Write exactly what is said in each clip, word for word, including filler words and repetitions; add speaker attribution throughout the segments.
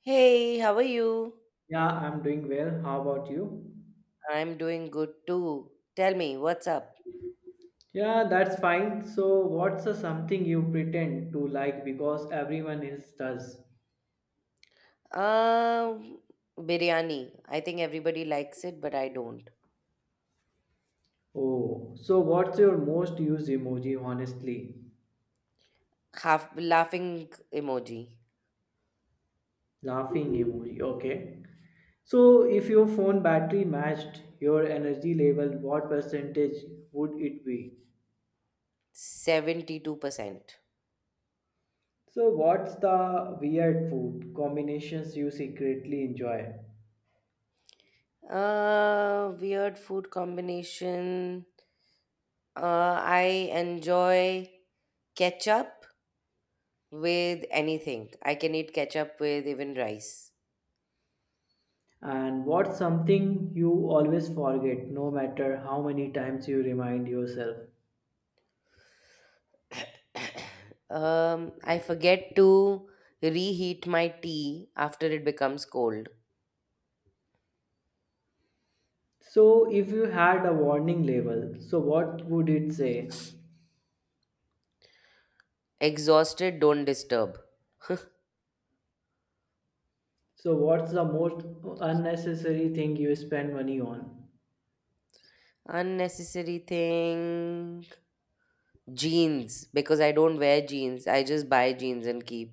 Speaker 1: Hey, how are you?
Speaker 2: Yeah, I'm doing well. How about you?
Speaker 1: I'm doing good too. Tell me, what's up?
Speaker 2: Yeah, that's fine. So, what's the something you pretend to like because everyone else does?
Speaker 1: Um, biryani. I think everybody likes it, but I don't.
Speaker 2: Oh, so what's your most used emoji, honestly?
Speaker 1: Half laughing emoji.
Speaker 2: Laughing emoji, okay. So, if your phone battery matched your energy level, what percentage would it be?
Speaker 1: seventy-two percent.
Speaker 2: So, what's the weird food combinations you secretly enjoy?
Speaker 1: Uh, weird food combination. Uh, I enjoy ketchup with anything. I can eat ketchup with even rice.
Speaker 2: And what's something you always forget, no matter how many times you remind yourself?
Speaker 1: um, I forget to reheat my tea after it becomes cold.
Speaker 2: So, if you had a warning label, so what would it say?
Speaker 1: Exhausted, don't disturb.
Speaker 2: So, what's the most unnecessary thing you spend money on?
Speaker 1: Unnecessary thing. Jeans, because I don't wear jeans. I just buy jeans and keep.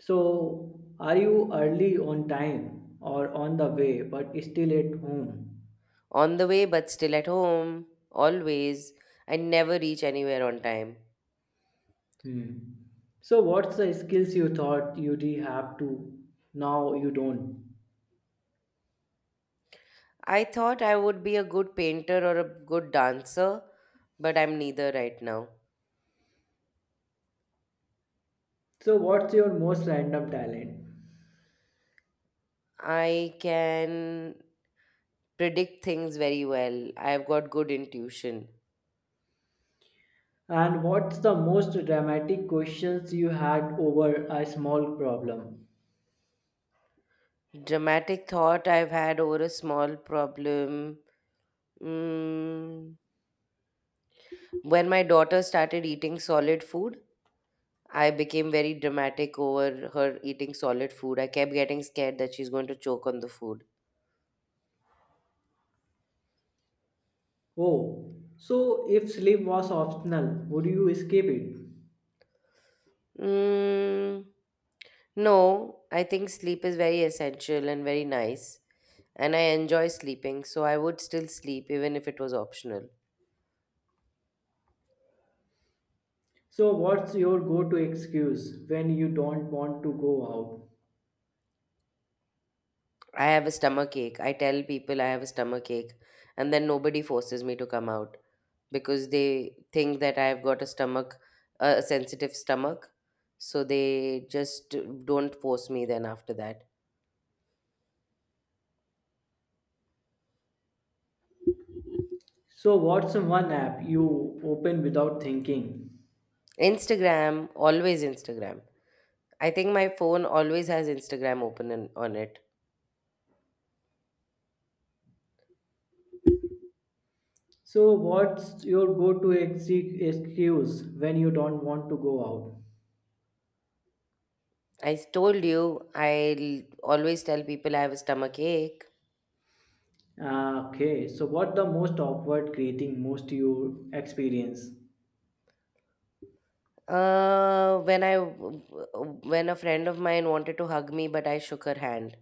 Speaker 2: So, are you early on time or on the way but still at home?
Speaker 1: On the way, but still at home. Always. I never reach anywhere on time.
Speaker 2: Hmm. So, what's the skills you thought you'd have to now you don't?
Speaker 1: I thought I would be a good painter or a good dancer, but I'm neither right now.
Speaker 2: So, what's your most random talent?
Speaker 1: I can predict things very well. I've got good intuition.
Speaker 2: And what's the most dramatic questions you had over a small problem?
Speaker 1: Dramatic thought I've had over a small problem. Mm, when my daughter started eating solid food, I became very dramatic over her eating solid food. I kept getting scared that she's going to choke on the food.
Speaker 2: Oh, so if sleep was optional, would you skip it?
Speaker 1: Mm, no, I think sleep is very essential and very nice. And I enjoy sleeping, so I would still sleep even if it was optional.
Speaker 2: So what's your go-to excuse when you don't want to go out?
Speaker 1: I have a stomach ache. I tell people I have a stomach ache, and then nobody forces me to come out because they think that I've got a stomach, a a sensitive stomach. So they just don't force me then after that.
Speaker 2: So what's one app you open without thinking?
Speaker 1: Instagram, always Instagram. I think my phone always has Instagram open in, on it.
Speaker 2: So what's your go-to ex- excuse when you don't want to go out?
Speaker 1: I told you, I l- always tell people I have a stomach ache.
Speaker 2: Ah, Okay, so what the most awkward greeting most you experience?
Speaker 1: Uh, when I when a friend of mine wanted to hug me, but I shook her hand.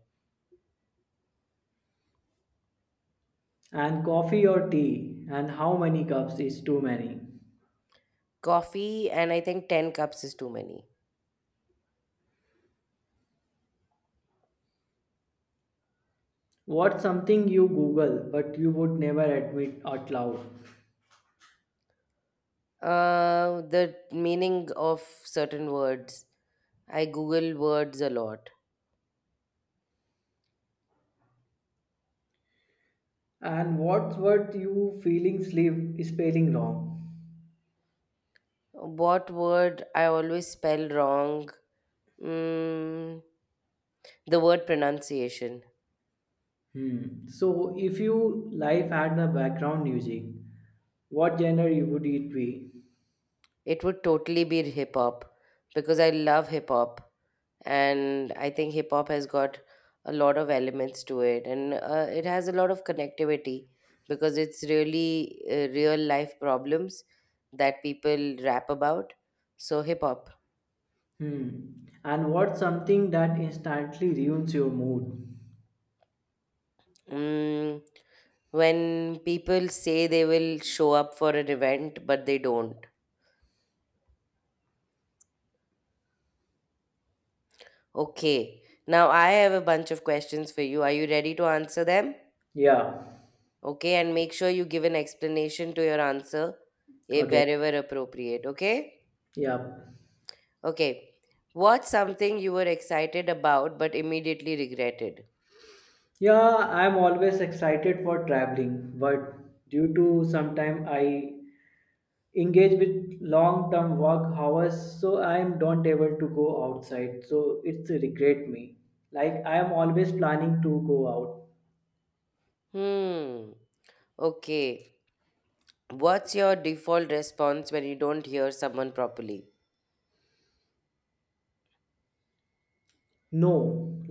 Speaker 2: And coffee or tea, and how many cups is too many?
Speaker 1: Coffee, and I think ten cups is too many.
Speaker 2: What's something you Google but you would never admit out loud?
Speaker 1: Uh the meaning of certain words. I google words a lot.
Speaker 2: And what's worth you feeling sleep spelling wrong?
Speaker 1: What word I always spell wrong? mm, the word pronunciation.
Speaker 2: Hmm. So if you life had the background music, what genre you would it be?
Speaker 1: It would totally be hip hop because I love hip hop. And I think hip hop has got a lot of elements to it. And uh, it has a lot of connectivity because it's really uh, real life problems that people rap about. So, hip hop.
Speaker 2: Hmm. And what's something that instantly ruins your mood?
Speaker 1: Mm, when people say they will show up for an event, but they don't. Okay. Now, I have a bunch of questions for you. Are you ready to answer them?
Speaker 2: Yeah.
Speaker 1: Okay, and make sure you give an explanation to your answer eh,
Speaker 2: Okay.
Speaker 1: wherever appropriate. Okay?
Speaker 2: Yeah.
Speaker 1: Okay. What's something you were excited about but immediately regretted?
Speaker 2: Yeah, I'm always excited for traveling, but due to sometime I engage with long term work hours, so i am don't able to go outside, so it's regret me. Like i am always planning to go out.
Speaker 1: Hmm. Okay. What's your default response when you don't hear someone properly?
Speaker 2: No,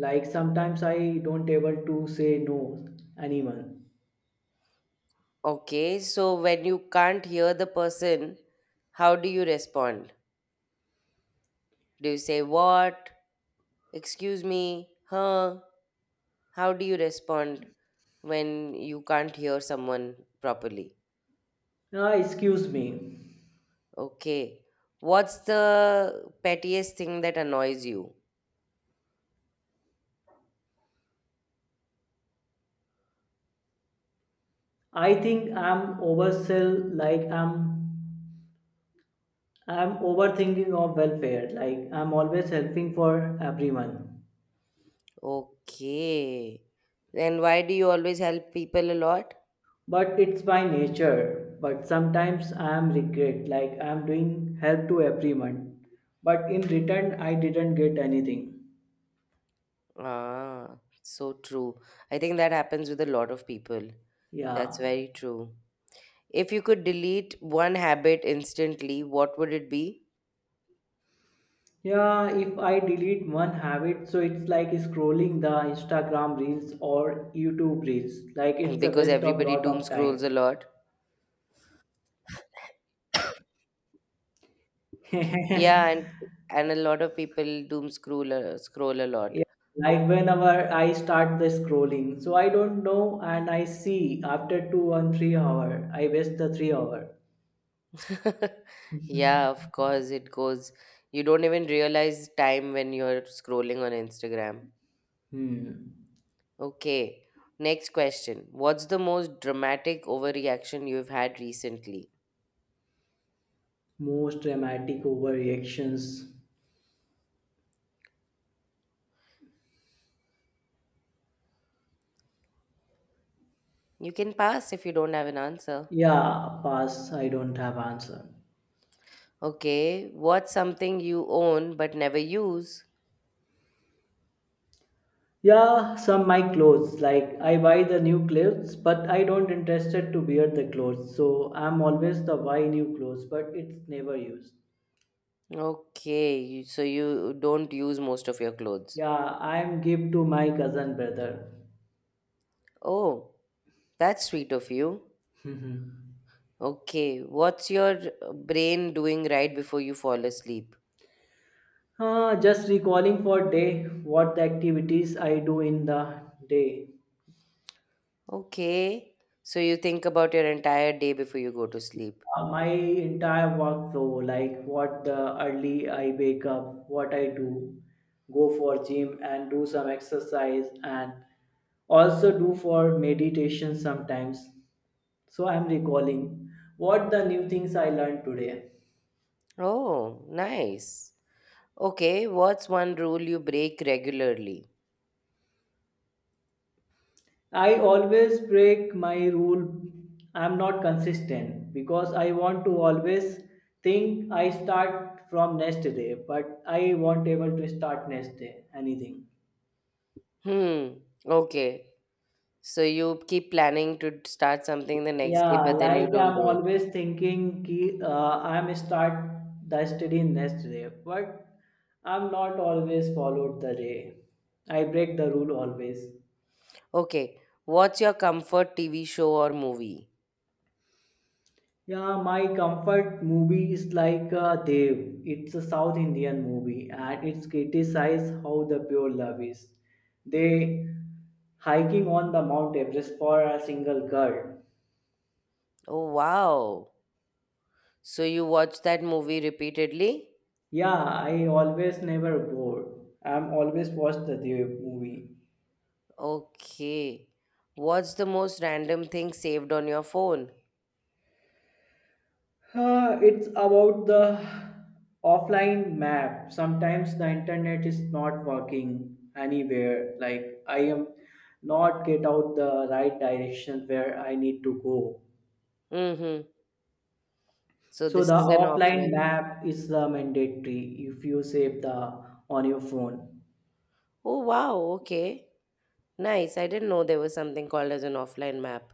Speaker 2: like sometimes i don't able to say no anyone.
Speaker 1: Okay, so when you can't hear the person, how do you respond? Do you say what? Excuse me? Huh? How do you respond when you can't hear someone properly?
Speaker 2: Ah, excuse me.
Speaker 1: Okay. What's the pettiest thing that annoys you?
Speaker 2: I think i'm oversell, like i'm i'm overthinking of welfare, like i'm always helping for everyone.
Speaker 1: Okay. Then why do you always help people a lot?
Speaker 2: But it's by nature. But sometimes I am regret, like I am doing help to everyone, but in return I didn't get anything.
Speaker 1: Ah, so true. I think that happens with a lot of people. That's
Speaker 2: Yeah,
Speaker 1: very true. If you could delete one habit instantly, what would it be?
Speaker 2: yeah. If I delete one habit, so it's like scrolling the Instagram reels or YouTube reels. Like
Speaker 1: And
Speaker 2: it's a
Speaker 1: because
Speaker 2: waste of
Speaker 1: everybody
Speaker 2: lot
Speaker 1: doom
Speaker 2: of
Speaker 1: scrolls
Speaker 2: time.
Speaker 1: a lot. Yeah, and and a lot of people doom scroll uh, scroll a lot.
Speaker 2: Yeah, like whenever I start the scrolling, so I don't know, and I see after two and three hour, I waste the three hour.
Speaker 1: Yeah, of course it goes. You don't even realize time when you're scrolling on Instagram.
Speaker 2: Hmm.
Speaker 1: Okay. Next question. What's the most dramatic overreaction you've had recently?
Speaker 2: Most dramatic overreactions.
Speaker 1: You can pass if you don't have an answer.
Speaker 2: Yeah, pass. I don't have answer.
Speaker 1: Okay. What's something you own but never use?
Speaker 2: Yeah, some my clothes. Like I buy the new clothes, but I don't interested to wear the clothes. So I'm always the buy new clothes, but it's never used.
Speaker 1: Okay. you- So you don't use most of your clothes.
Speaker 2: Yeah, I'm give to my cousin brother.
Speaker 1: Oh, that's sweet of you. Okay. What's your uh, brain doing right before you fall asleep?
Speaker 2: Ah, just recalling for day what the activities I do in the day.
Speaker 1: Okay. So you think about your entire day before you go to sleep.
Speaker 2: Uh, my entire workflow, like what the early I wake up, what I do, go for gym and do some exercise, and also do for meditation sometimes. So I'm recalling what the new things I learned today.
Speaker 1: Oh, nice. Okay, what's one rule you break regularly?
Speaker 2: I always break my rule. I'm not consistent because I want to always think I start from next day, but I won't able to start next day anything.
Speaker 1: Hmm. Okay. So you keep planning to start something the next day,
Speaker 2: Yeah,
Speaker 1: but then you
Speaker 2: like
Speaker 1: don't
Speaker 2: I'm
Speaker 1: do it.
Speaker 2: always thinking ki, uh, I'm start the study next day, but I'm not always followed the day. I break the rule always.
Speaker 1: Okay. What's your comfort T V show or movie?
Speaker 2: Yeah, my comfort movie is like uh, Dev. It's a South Indian movie and it's criticized how the pure love is. They hiking on the Mount Everest for a single girl.
Speaker 1: Oh, wow. So you watch that movie repeatedly?
Speaker 2: Yeah, I always never bored. I'm always watch the Dev movie.
Speaker 1: Okay. What's the most random thing saved on your phone?
Speaker 2: Uh, it's about the offline map. Sometimes the internet is not working anywhere. Like I am not get out the right direction where I need to go.
Speaker 1: Mm-hmm. So
Speaker 2: So
Speaker 1: this
Speaker 2: the
Speaker 1: is an
Speaker 2: offline
Speaker 1: offline.
Speaker 2: map is the mandatory if you save the on your phone.
Speaker 1: Oh wow, okay. Nice. I didn't know there was something called as an offline map.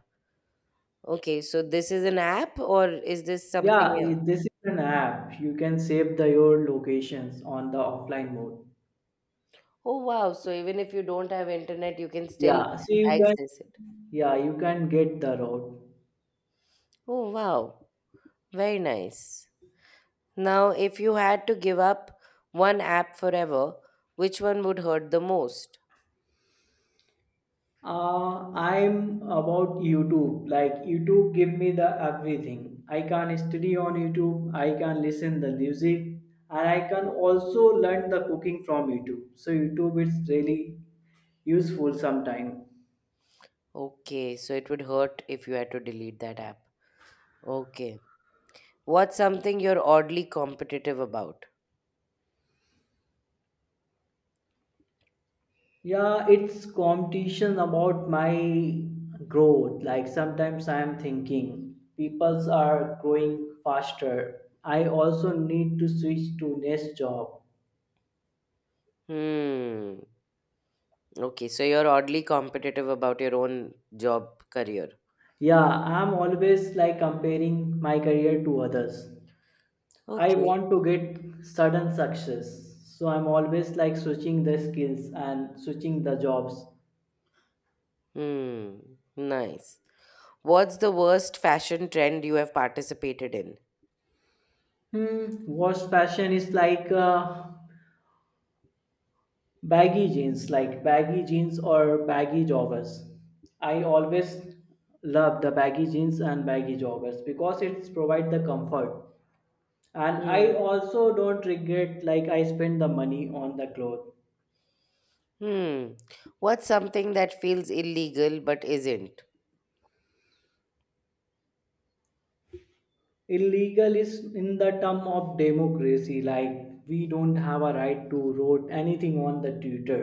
Speaker 1: Okay, so this is an app or is this
Speaker 2: Yeah,
Speaker 1: something else?
Speaker 2: it- this is an app. You can save the your locations on the offline mode.
Speaker 1: Oh wow, so even if you don't have internet, you can still
Speaker 2: Yeah, so you can,
Speaker 1: access it.
Speaker 2: yeah, you can get the road.
Speaker 1: Oh wow, very nice. Now, if you had to give up one app forever, which one would hurt the most?
Speaker 2: Uh, I'm about YouTube. Like YouTube give me the everything. I can study on YouTube. I can listen the music, and I can also learn the cooking from YouTube. So YouTube is really useful sometime.
Speaker 1: Okay, so it would hurt if you had to delete that app. Okay. What's something you're oddly competitive about?
Speaker 2: Yeah, it's competition about my growth. Like sometimes I am thinking peoples are growing faster. I also need to switch to next job.
Speaker 1: Hmm. Okay, so you're oddly competitive about your own job career.
Speaker 2: Yeah, I'm always like comparing my career to others. I
Speaker 1: Okay.
Speaker 2: want to get sudden success. So I'm always like switching the skills and switching the jobs.
Speaker 1: Hmm. Nice. What's the worst fashion trend you have participated in?
Speaker 2: Hmm, worst fashion is like uh, baggy jeans, like baggy jeans or baggy joggers. I always love the baggy jeans and baggy joggers because it provides the comfort. And I
Speaker 1: Hmm.
Speaker 2: also don't regret like I spend the money on the clothes.
Speaker 1: Hmm. What's something that feels illegal but isn't?
Speaker 2: Illegal is in the term of democracy, like we don't have a right to vote anything on the twitter,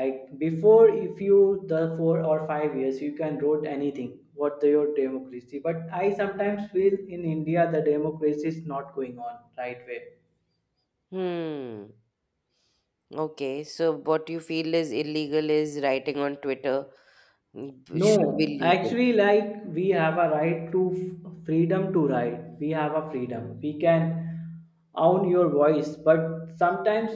Speaker 2: like before if you the four or five years you can vote anything what the, your democracy, but i sometimes feel in india the democracy is not going on right way.
Speaker 1: Hmm. Okay, so what you feel is illegal is writing on Twitter mm, b- should be
Speaker 2: No,
Speaker 1: legal.
Speaker 2: actually, like we have a right to f- freedom to write. We have a freedom. We can own your voice. But sometimes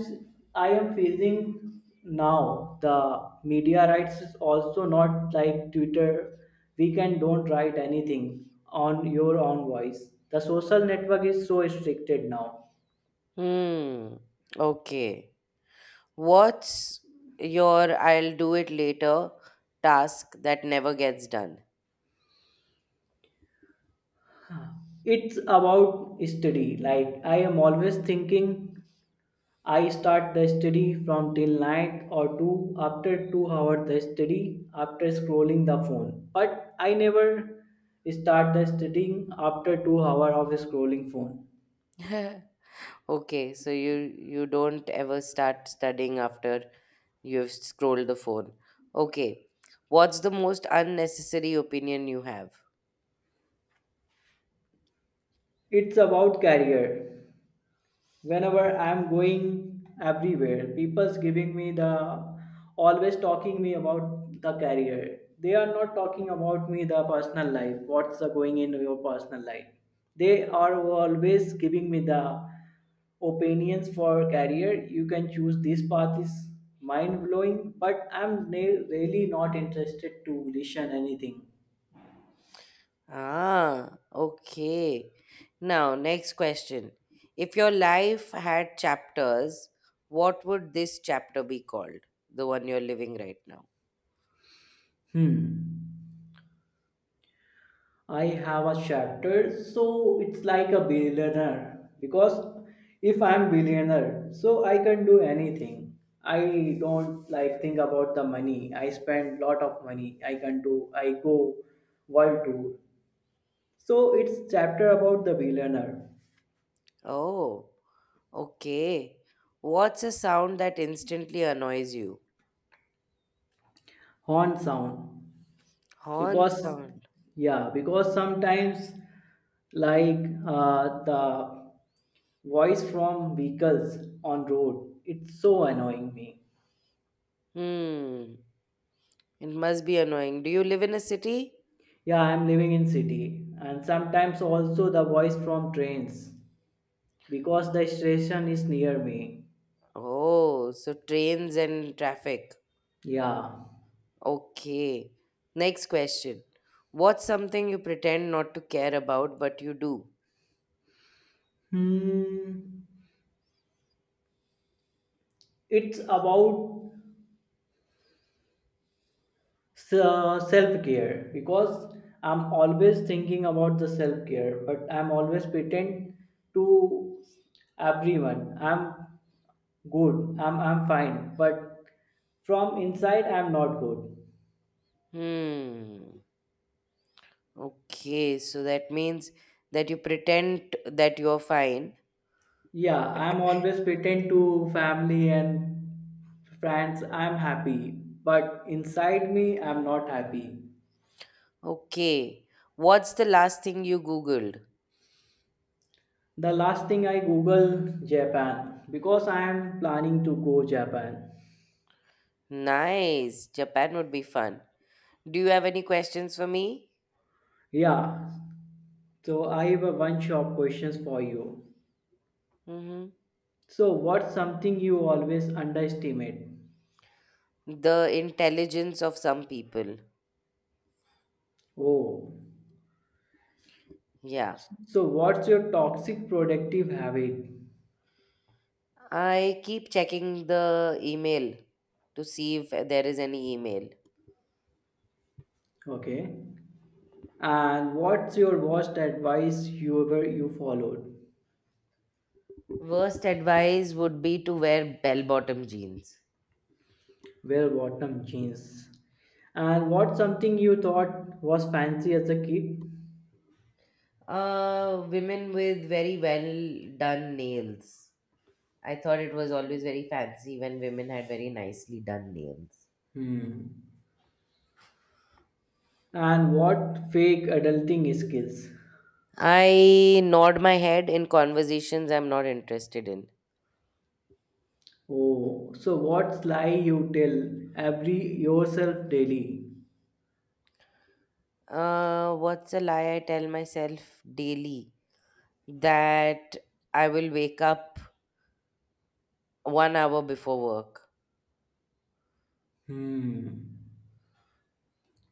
Speaker 2: I am facing now the media rights is also not like Twitter. We can don't write anything on your own voice. The social network is so restricted now.
Speaker 1: Hmm. Okay. What's your I'll do it later task that never gets done?
Speaker 2: It's about study. Like I am always thinking I start the study from till night or two. After two hours the study, after scrolling the phone. But I never start the studying after two hours of scrolling phone.
Speaker 1: Okay, so you you don't ever start studying after you've scrolled the phone. Okay. What's the most unnecessary opinion you have?
Speaker 2: It's about career. Whenever i'm going everywhere, people's giving me the always talking me about the career. They are not talking about me the personal life, what's the going in your personal life. They are always giving me the opinions for career, you can choose this path is mind blowing, but i'm na- really not interested to listen anything.
Speaker 1: Ah, okay. Now, next question. If your life had chapters, what would this chapter be called? The one you're living right now.
Speaker 2: hmm I have a shattered, so it's like a billionaire because if I'm billionaire, so I can do anything. I don't like think about the money. I spend lot of money. I can do. I go world tour. So it's chapter about the billionaire.
Speaker 1: Oh, okay. What's a sound that instantly annoys you?
Speaker 2: Horn sound.
Speaker 1: Horn
Speaker 2: Because,
Speaker 1: sound.
Speaker 2: yeah, because sometimes, like, uh, the voice from vehicles on road it's so annoying me.
Speaker 1: Hmm. It must be annoying. Do you live in a city?
Speaker 2: Yeah, I'm living in city and sometimes also the voice from trains because the station is near me.
Speaker 1: Oh, so trains and traffic.
Speaker 2: Yeah.
Speaker 1: Okay. Next question. What's something you pretend not to care about but you do?
Speaker 2: Hmm. It's about self care because I'm always thinking about the self care, but I'm always pretend to everyone. I'm good. I'm I'm fine, but from inside I'm not good.
Speaker 1: Hmm. Okay, so that means that you pretend that you're fine.
Speaker 2: Yeah, I'm always pretend to family and friends I'm happy, but inside me I'm not happy.
Speaker 1: Okay. What's the last thing you Googled?
Speaker 2: The last thing I Google Japan because I am planning to go Japan.
Speaker 1: Nice. Japan would be fun. Do you have any questions for me?
Speaker 2: Yeah, so I have a one shot questions for you.
Speaker 1: Mm-hmm.
Speaker 2: So what's something you always underestimate?
Speaker 1: The intelligence of some people.
Speaker 2: Oh,
Speaker 1: Yeah.
Speaker 2: so what's your toxic productive habit?
Speaker 1: I keep checking the email to see if there is any email.
Speaker 2: Okay, and what's your worst advice you ever you followed?
Speaker 1: Worst advice would be to wear bell bottom jeans.
Speaker 2: Wear bottom jeans. And what something you thought was fancy as a kid?
Speaker 1: Uh, women with very well done nails. I thought it was always very fancy when women had very nicely done nails.
Speaker 2: Hmm. And what fake adulting skills?
Speaker 1: I nod my head in conversations I'm not interested in.
Speaker 2: Oh, so what lie you tell every yourself daily?
Speaker 1: Uh, what's a lie I tell myself daily? That I will wake up one hour before work.
Speaker 2: Hmm.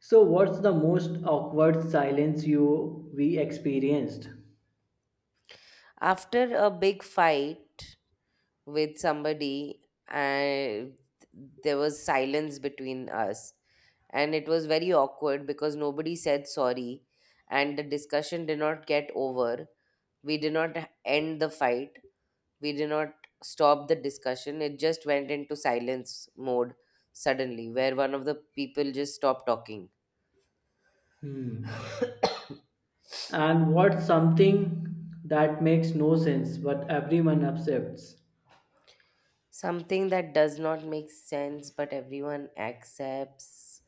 Speaker 2: So what's the most awkward silence you we experienced?
Speaker 1: After a big fight with somebody, and there was silence between us. And it was very awkward because nobody said sorry. And the discussion did not get over. We did not end the fight. We did not stop the discussion. It just went into silence mode suddenly, where one of the people just stopped talking.
Speaker 2: Hmm. And what's something that makes no sense but everyone accepts?
Speaker 1: Something that does not make sense, but everyone accepts.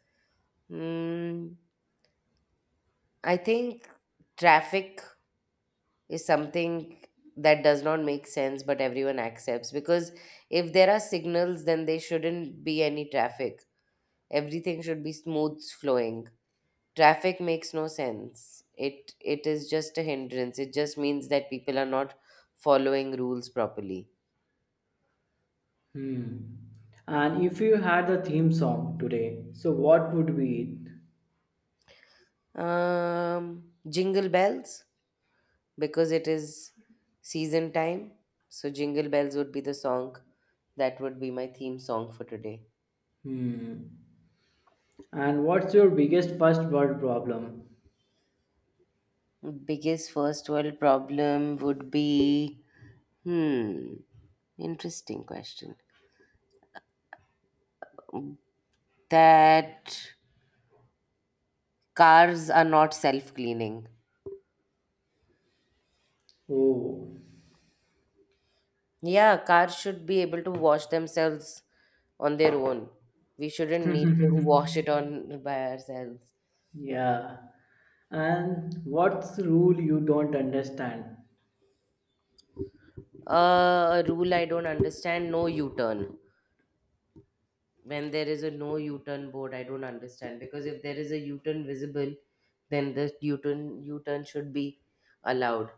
Speaker 1: Hmm. I think traffic is something that does not make sense, but everyone accepts because if there are signals, then there shouldn't be any traffic. Everything should be smooth flowing. Traffic makes no sense. It it is just a hindrance. It just means that people are not following rules properly.
Speaker 2: Hmm. And if you had the theme song today, so what would be it?
Speaker 1: Um, jingle bells, because it is season time. So jingle bells would be the song that would be my theme song for today.
Speaker 2: Hmm. And what's your biggest first world problem?
Speaker 1: Biggest first world problem would be, hmm, interesting question. That cars are not self cleaning.
Speaker 2: Oh.
Speaker 1: Yeah, cars should be able to wash themselves on their own. We shouldn't need to wash it on by ourselves.
Speaker 2: Yeah. And what's the rule you don't understand?
Speaker 1: Uh, a rule I don't understand, no U turn. When there is a no U turn board, I don't understand, because if there is a U turn visible, then the U turn U turn should be allowed.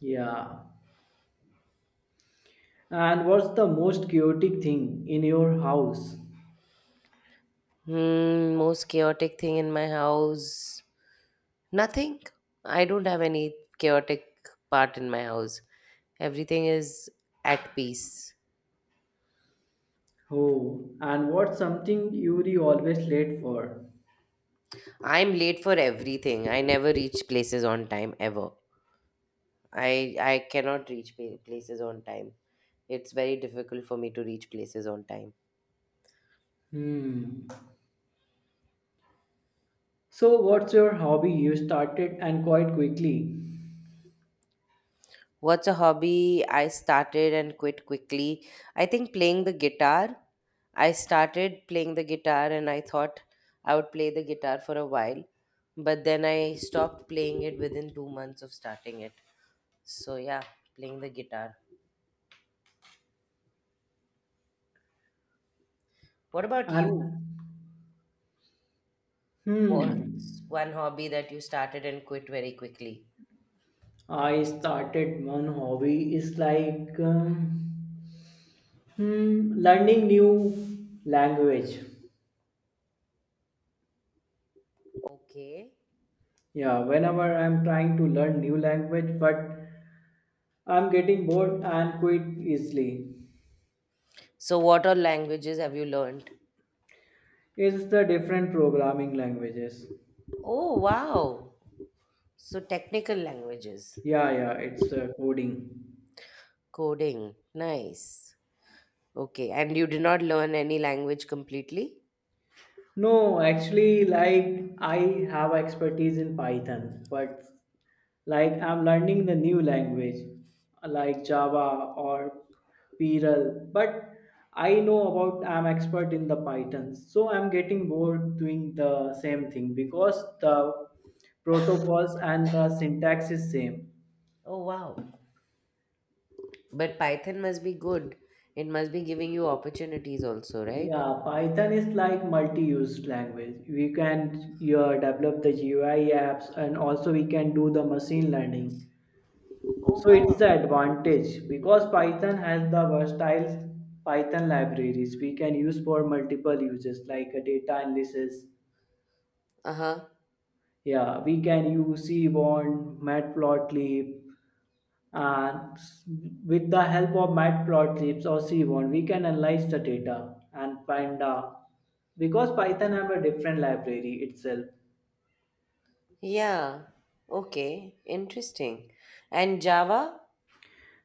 Speaker 2: Yeah. And what's the most chaotic thing in your house?
Speaker 1: Hmm, most chaotic thing in my house. Nothing. I don't have any chaotic part in my house. Everything is at peace.
Speaker 2: Oh. And what's something you're always late for?
Speaker 1: I'm late for everything. I never reach places on time ever. I I cannot reach pa- places on time. It's very difficult for me to reach places on time.
Speaker 2: Hmm. So what's your hobby you started and quite quickly?
Speaker 1: What's a hobby I started and quit quickly? I think playing the guitar. I started playing the guitar and I thought I would play the guitar for a while, but then I stopped playing it within two months of starting it. So, yeah, playing the guitar. What about you?
Speaker 2: And Hmm.
Speaker 1: What's one hobby that you started and quit very quickly?
Speaker 2: I started one hobby is like um, hmm, learning new language.
Speaker 1: Okay.
Speaker 2: Yeah, whenever I'm trying to learn new language, but I'm getting bored and quit easily.
Speaker 1: So, what all languages have you learned?
Speaker 2: It's the different programming languages.
Speaker 1: Oh, wow. So, technical languages.
Speaker 2: Yeah, yeah, it's uh, coding.
Speaker 1: Coding. Nice. Okay, and you did not learn any language completely?
Speaker 2: No, actually, like I have expertise in Python, but like I'm learning the new language like Java or Perl, but I know about I'm expert in the Python, so I'm getting bored doing the same thing because the protocols and the syntax is same.
Speaker 1: Oh, wow. But Python must be good. It must be giving you opportunities also, right?
Speaker 2: Yeah, Python is like multi-used language. We can uh, develop the G U I apps and also we can do the machine learning.
Speaker 1: Oh,
Speaker 2: So it's
Speaker 1: wow.
Speaker 2: the advantage because Python has the versatile Python libraries we can use for multiple uses like a data analysis.
Speaker 1: Uh-huh.
Speaker 2: Yeah, we can use Seaborn, Matplotlib, and s- with the help of Matplotlib or Seaborn, we can analyze the data and find out because Python have a different library itself.
Speaker 1: Yeah. Okay. Interesting. And Java?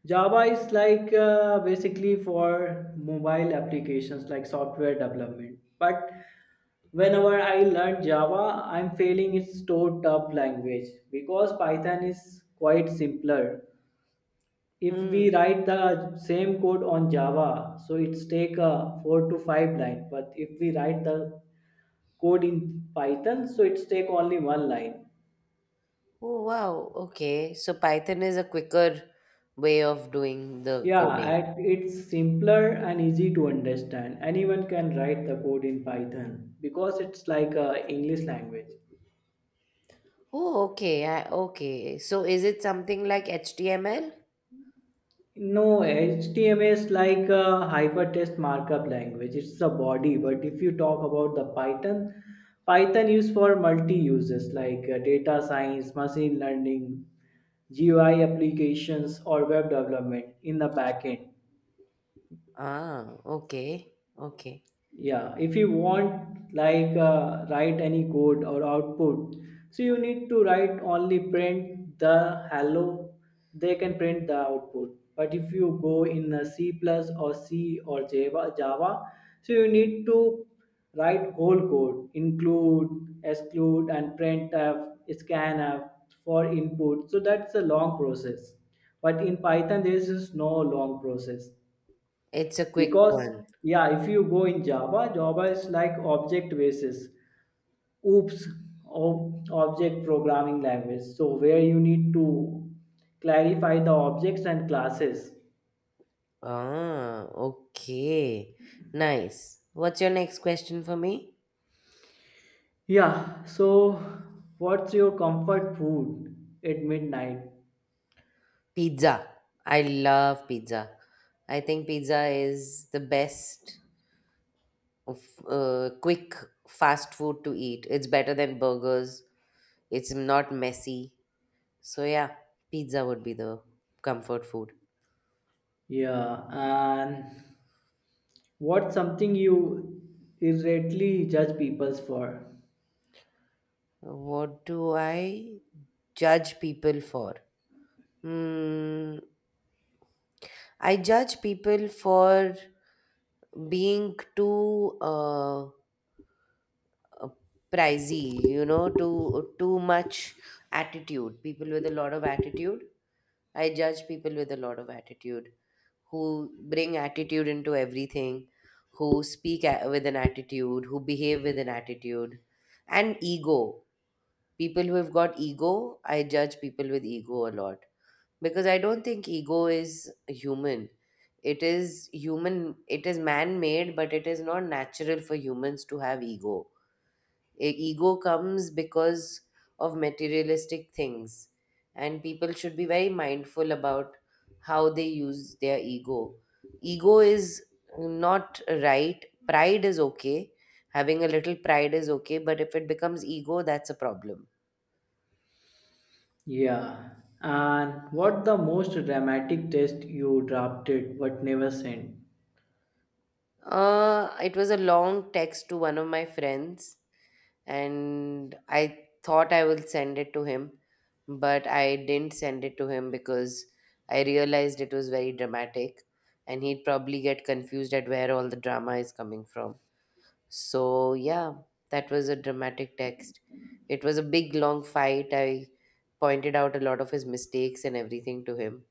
Speaker 2: Java is like uh, basically for mobile applications like software development. But whenever I learn Java, I'm feeling it's too tough language because Python is quite simpler. If
Speaker 1: Hmm.
Speaker 2: we write the same code on Java, so it's take a four to five line. But if we write the code in Python, so it's take only one line.
Speaker 1: Oh, wow. Okay. So Python is a quicker way of doing the
Speaker 2: Yeah,
Speaker 1: coding.
Speaker 2: at it's simpler and easy to understand. Anyone can write the code in Python because it's like a English language.
Speaker 1: Oh, okay. I, okay. So is it something like H T M L?
Speaker 2: No, H T M L is like a hypertext markup language. It's the body, but if you talk about the Python, Python used for multi uses like uh, data science, machine learning, G U I applications, or web development in the backend.
Speaker 1: Ah, okay. Okay.
Speaker 2: Yeah, if you want like uh, write any code or output, so you need to write only print the hello, they can print the output. But if you go in uh, C plus or c or java java, so you need to write whole code include exclude and printf scanf for input, so that's a long process. But in python there is no long process.
Speaker 1: It's a quick
Speaker 2: Because,
Speaker 1: one.
Speaker 2: yeah, if you go in java, java is like object basis oops ob- object programming language, so where you need to clarify the objects and classes.
Speaker 1: Ah, okay. Nice. What's your next question for me?
Speaker 2: Yeah, so what's your comfort food at midnight?
Speaker 1: Pizza. I love pizza. I think pizza is the best of uh, quick fast food to eat. It's better than burgers. It's not messy. So yeah, pizza would be the comfort food.
Speaker 2: Yeah, and what's something you irreadily judge people for?
Speaker 1: What do I judge people for? Hmm, I judge people for being too uh uh, pricey, you know too too much attitude, people with a lot of attitude. I judge people with a lot of attitude, who bring attitude into everything, who speak a- with an attitude, who behave with an attitude, and ego. People who have got ego, I judge people with ego a lot, because I don't think ego is human. It is human, it is man made, but it is not natural for humans to have ego. E- ego comes because of materialistic things, and people should be very mindful about how they use their ego. Ego is not right. Pride is okay. Having a little pride is okay, but if it becomes ego, that's a problem.
Speaker 2: Yeah, and what the most dramatic test you drafted but never sent?
Speaker 1: Uh it was a long text to one of my friends, and I thought I will send it to him, but I didn't send it to him because I realized it was very dramatic and he'd probably get confused at where all the drama is coming from. So, yeah, that was a dramatic text. It was a big long fight. I pointed out a lot of his mistakes and everything to him.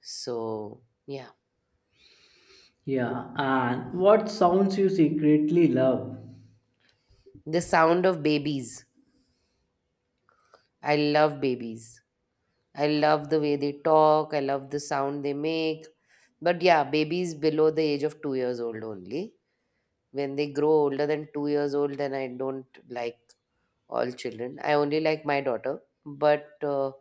Speaker 1: So, yeah.
Speaker 2: Yeah, and what sounds you secretly love?
Speaker 1: The sound of babies. I love babies. I love the way they talk. I love the sound they make. But yeah, babies below the age of two years old only. When they grow older than two years old, then I don't like all children. I only like my daughter. But uh,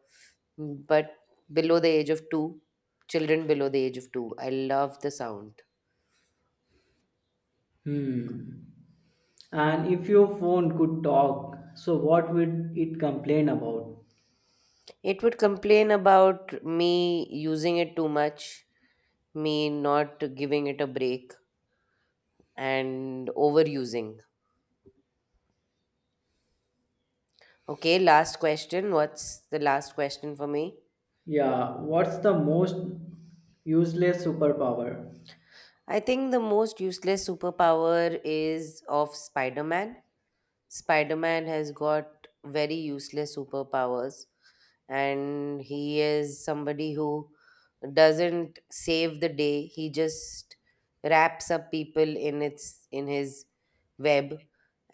Speaker 1: but below the age of two, children below the age of two, I love the sound.
Speaker 2: Hmm. And if your phone could talk, so what would it complain about?
Speaker 1: It would complain about me using it too much, me not giving it a break, and overusing. Okay, last question. What's the last question for me?
Speaker 2: Yeah, what's the most useless superpower?
Speaker 1: I think the most useless superpower is of Spider Man. Spider Man has got very useless superpowers. And he is somebody who doesn't save the day, he just wraps up people in its in his web,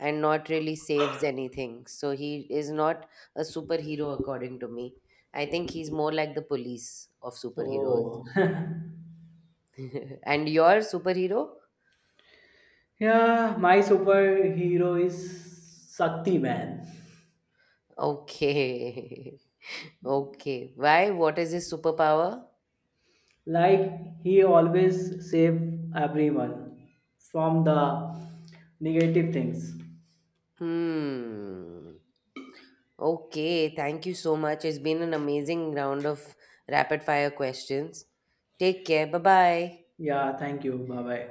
Speaker 1: and not really saves anything, so he is not a superhero according to me. I think he's more like the police of superheroes.
Speaker 2: Oh.
Speaker 1: And your superhero?
Speaker 2: Yeah, my superhero is Sakti Man.
Speaker 1: Okay. Okay, why? What is his superpower?
Speaker 2: Like he always save everyone from the negative things.
Speaker 1: Hmm. Okay, thank you so much. It's been an amazing round of rapid fire questions. Take care. Bye bye.
Speaker 2: Yeah, thank you. Bye bye.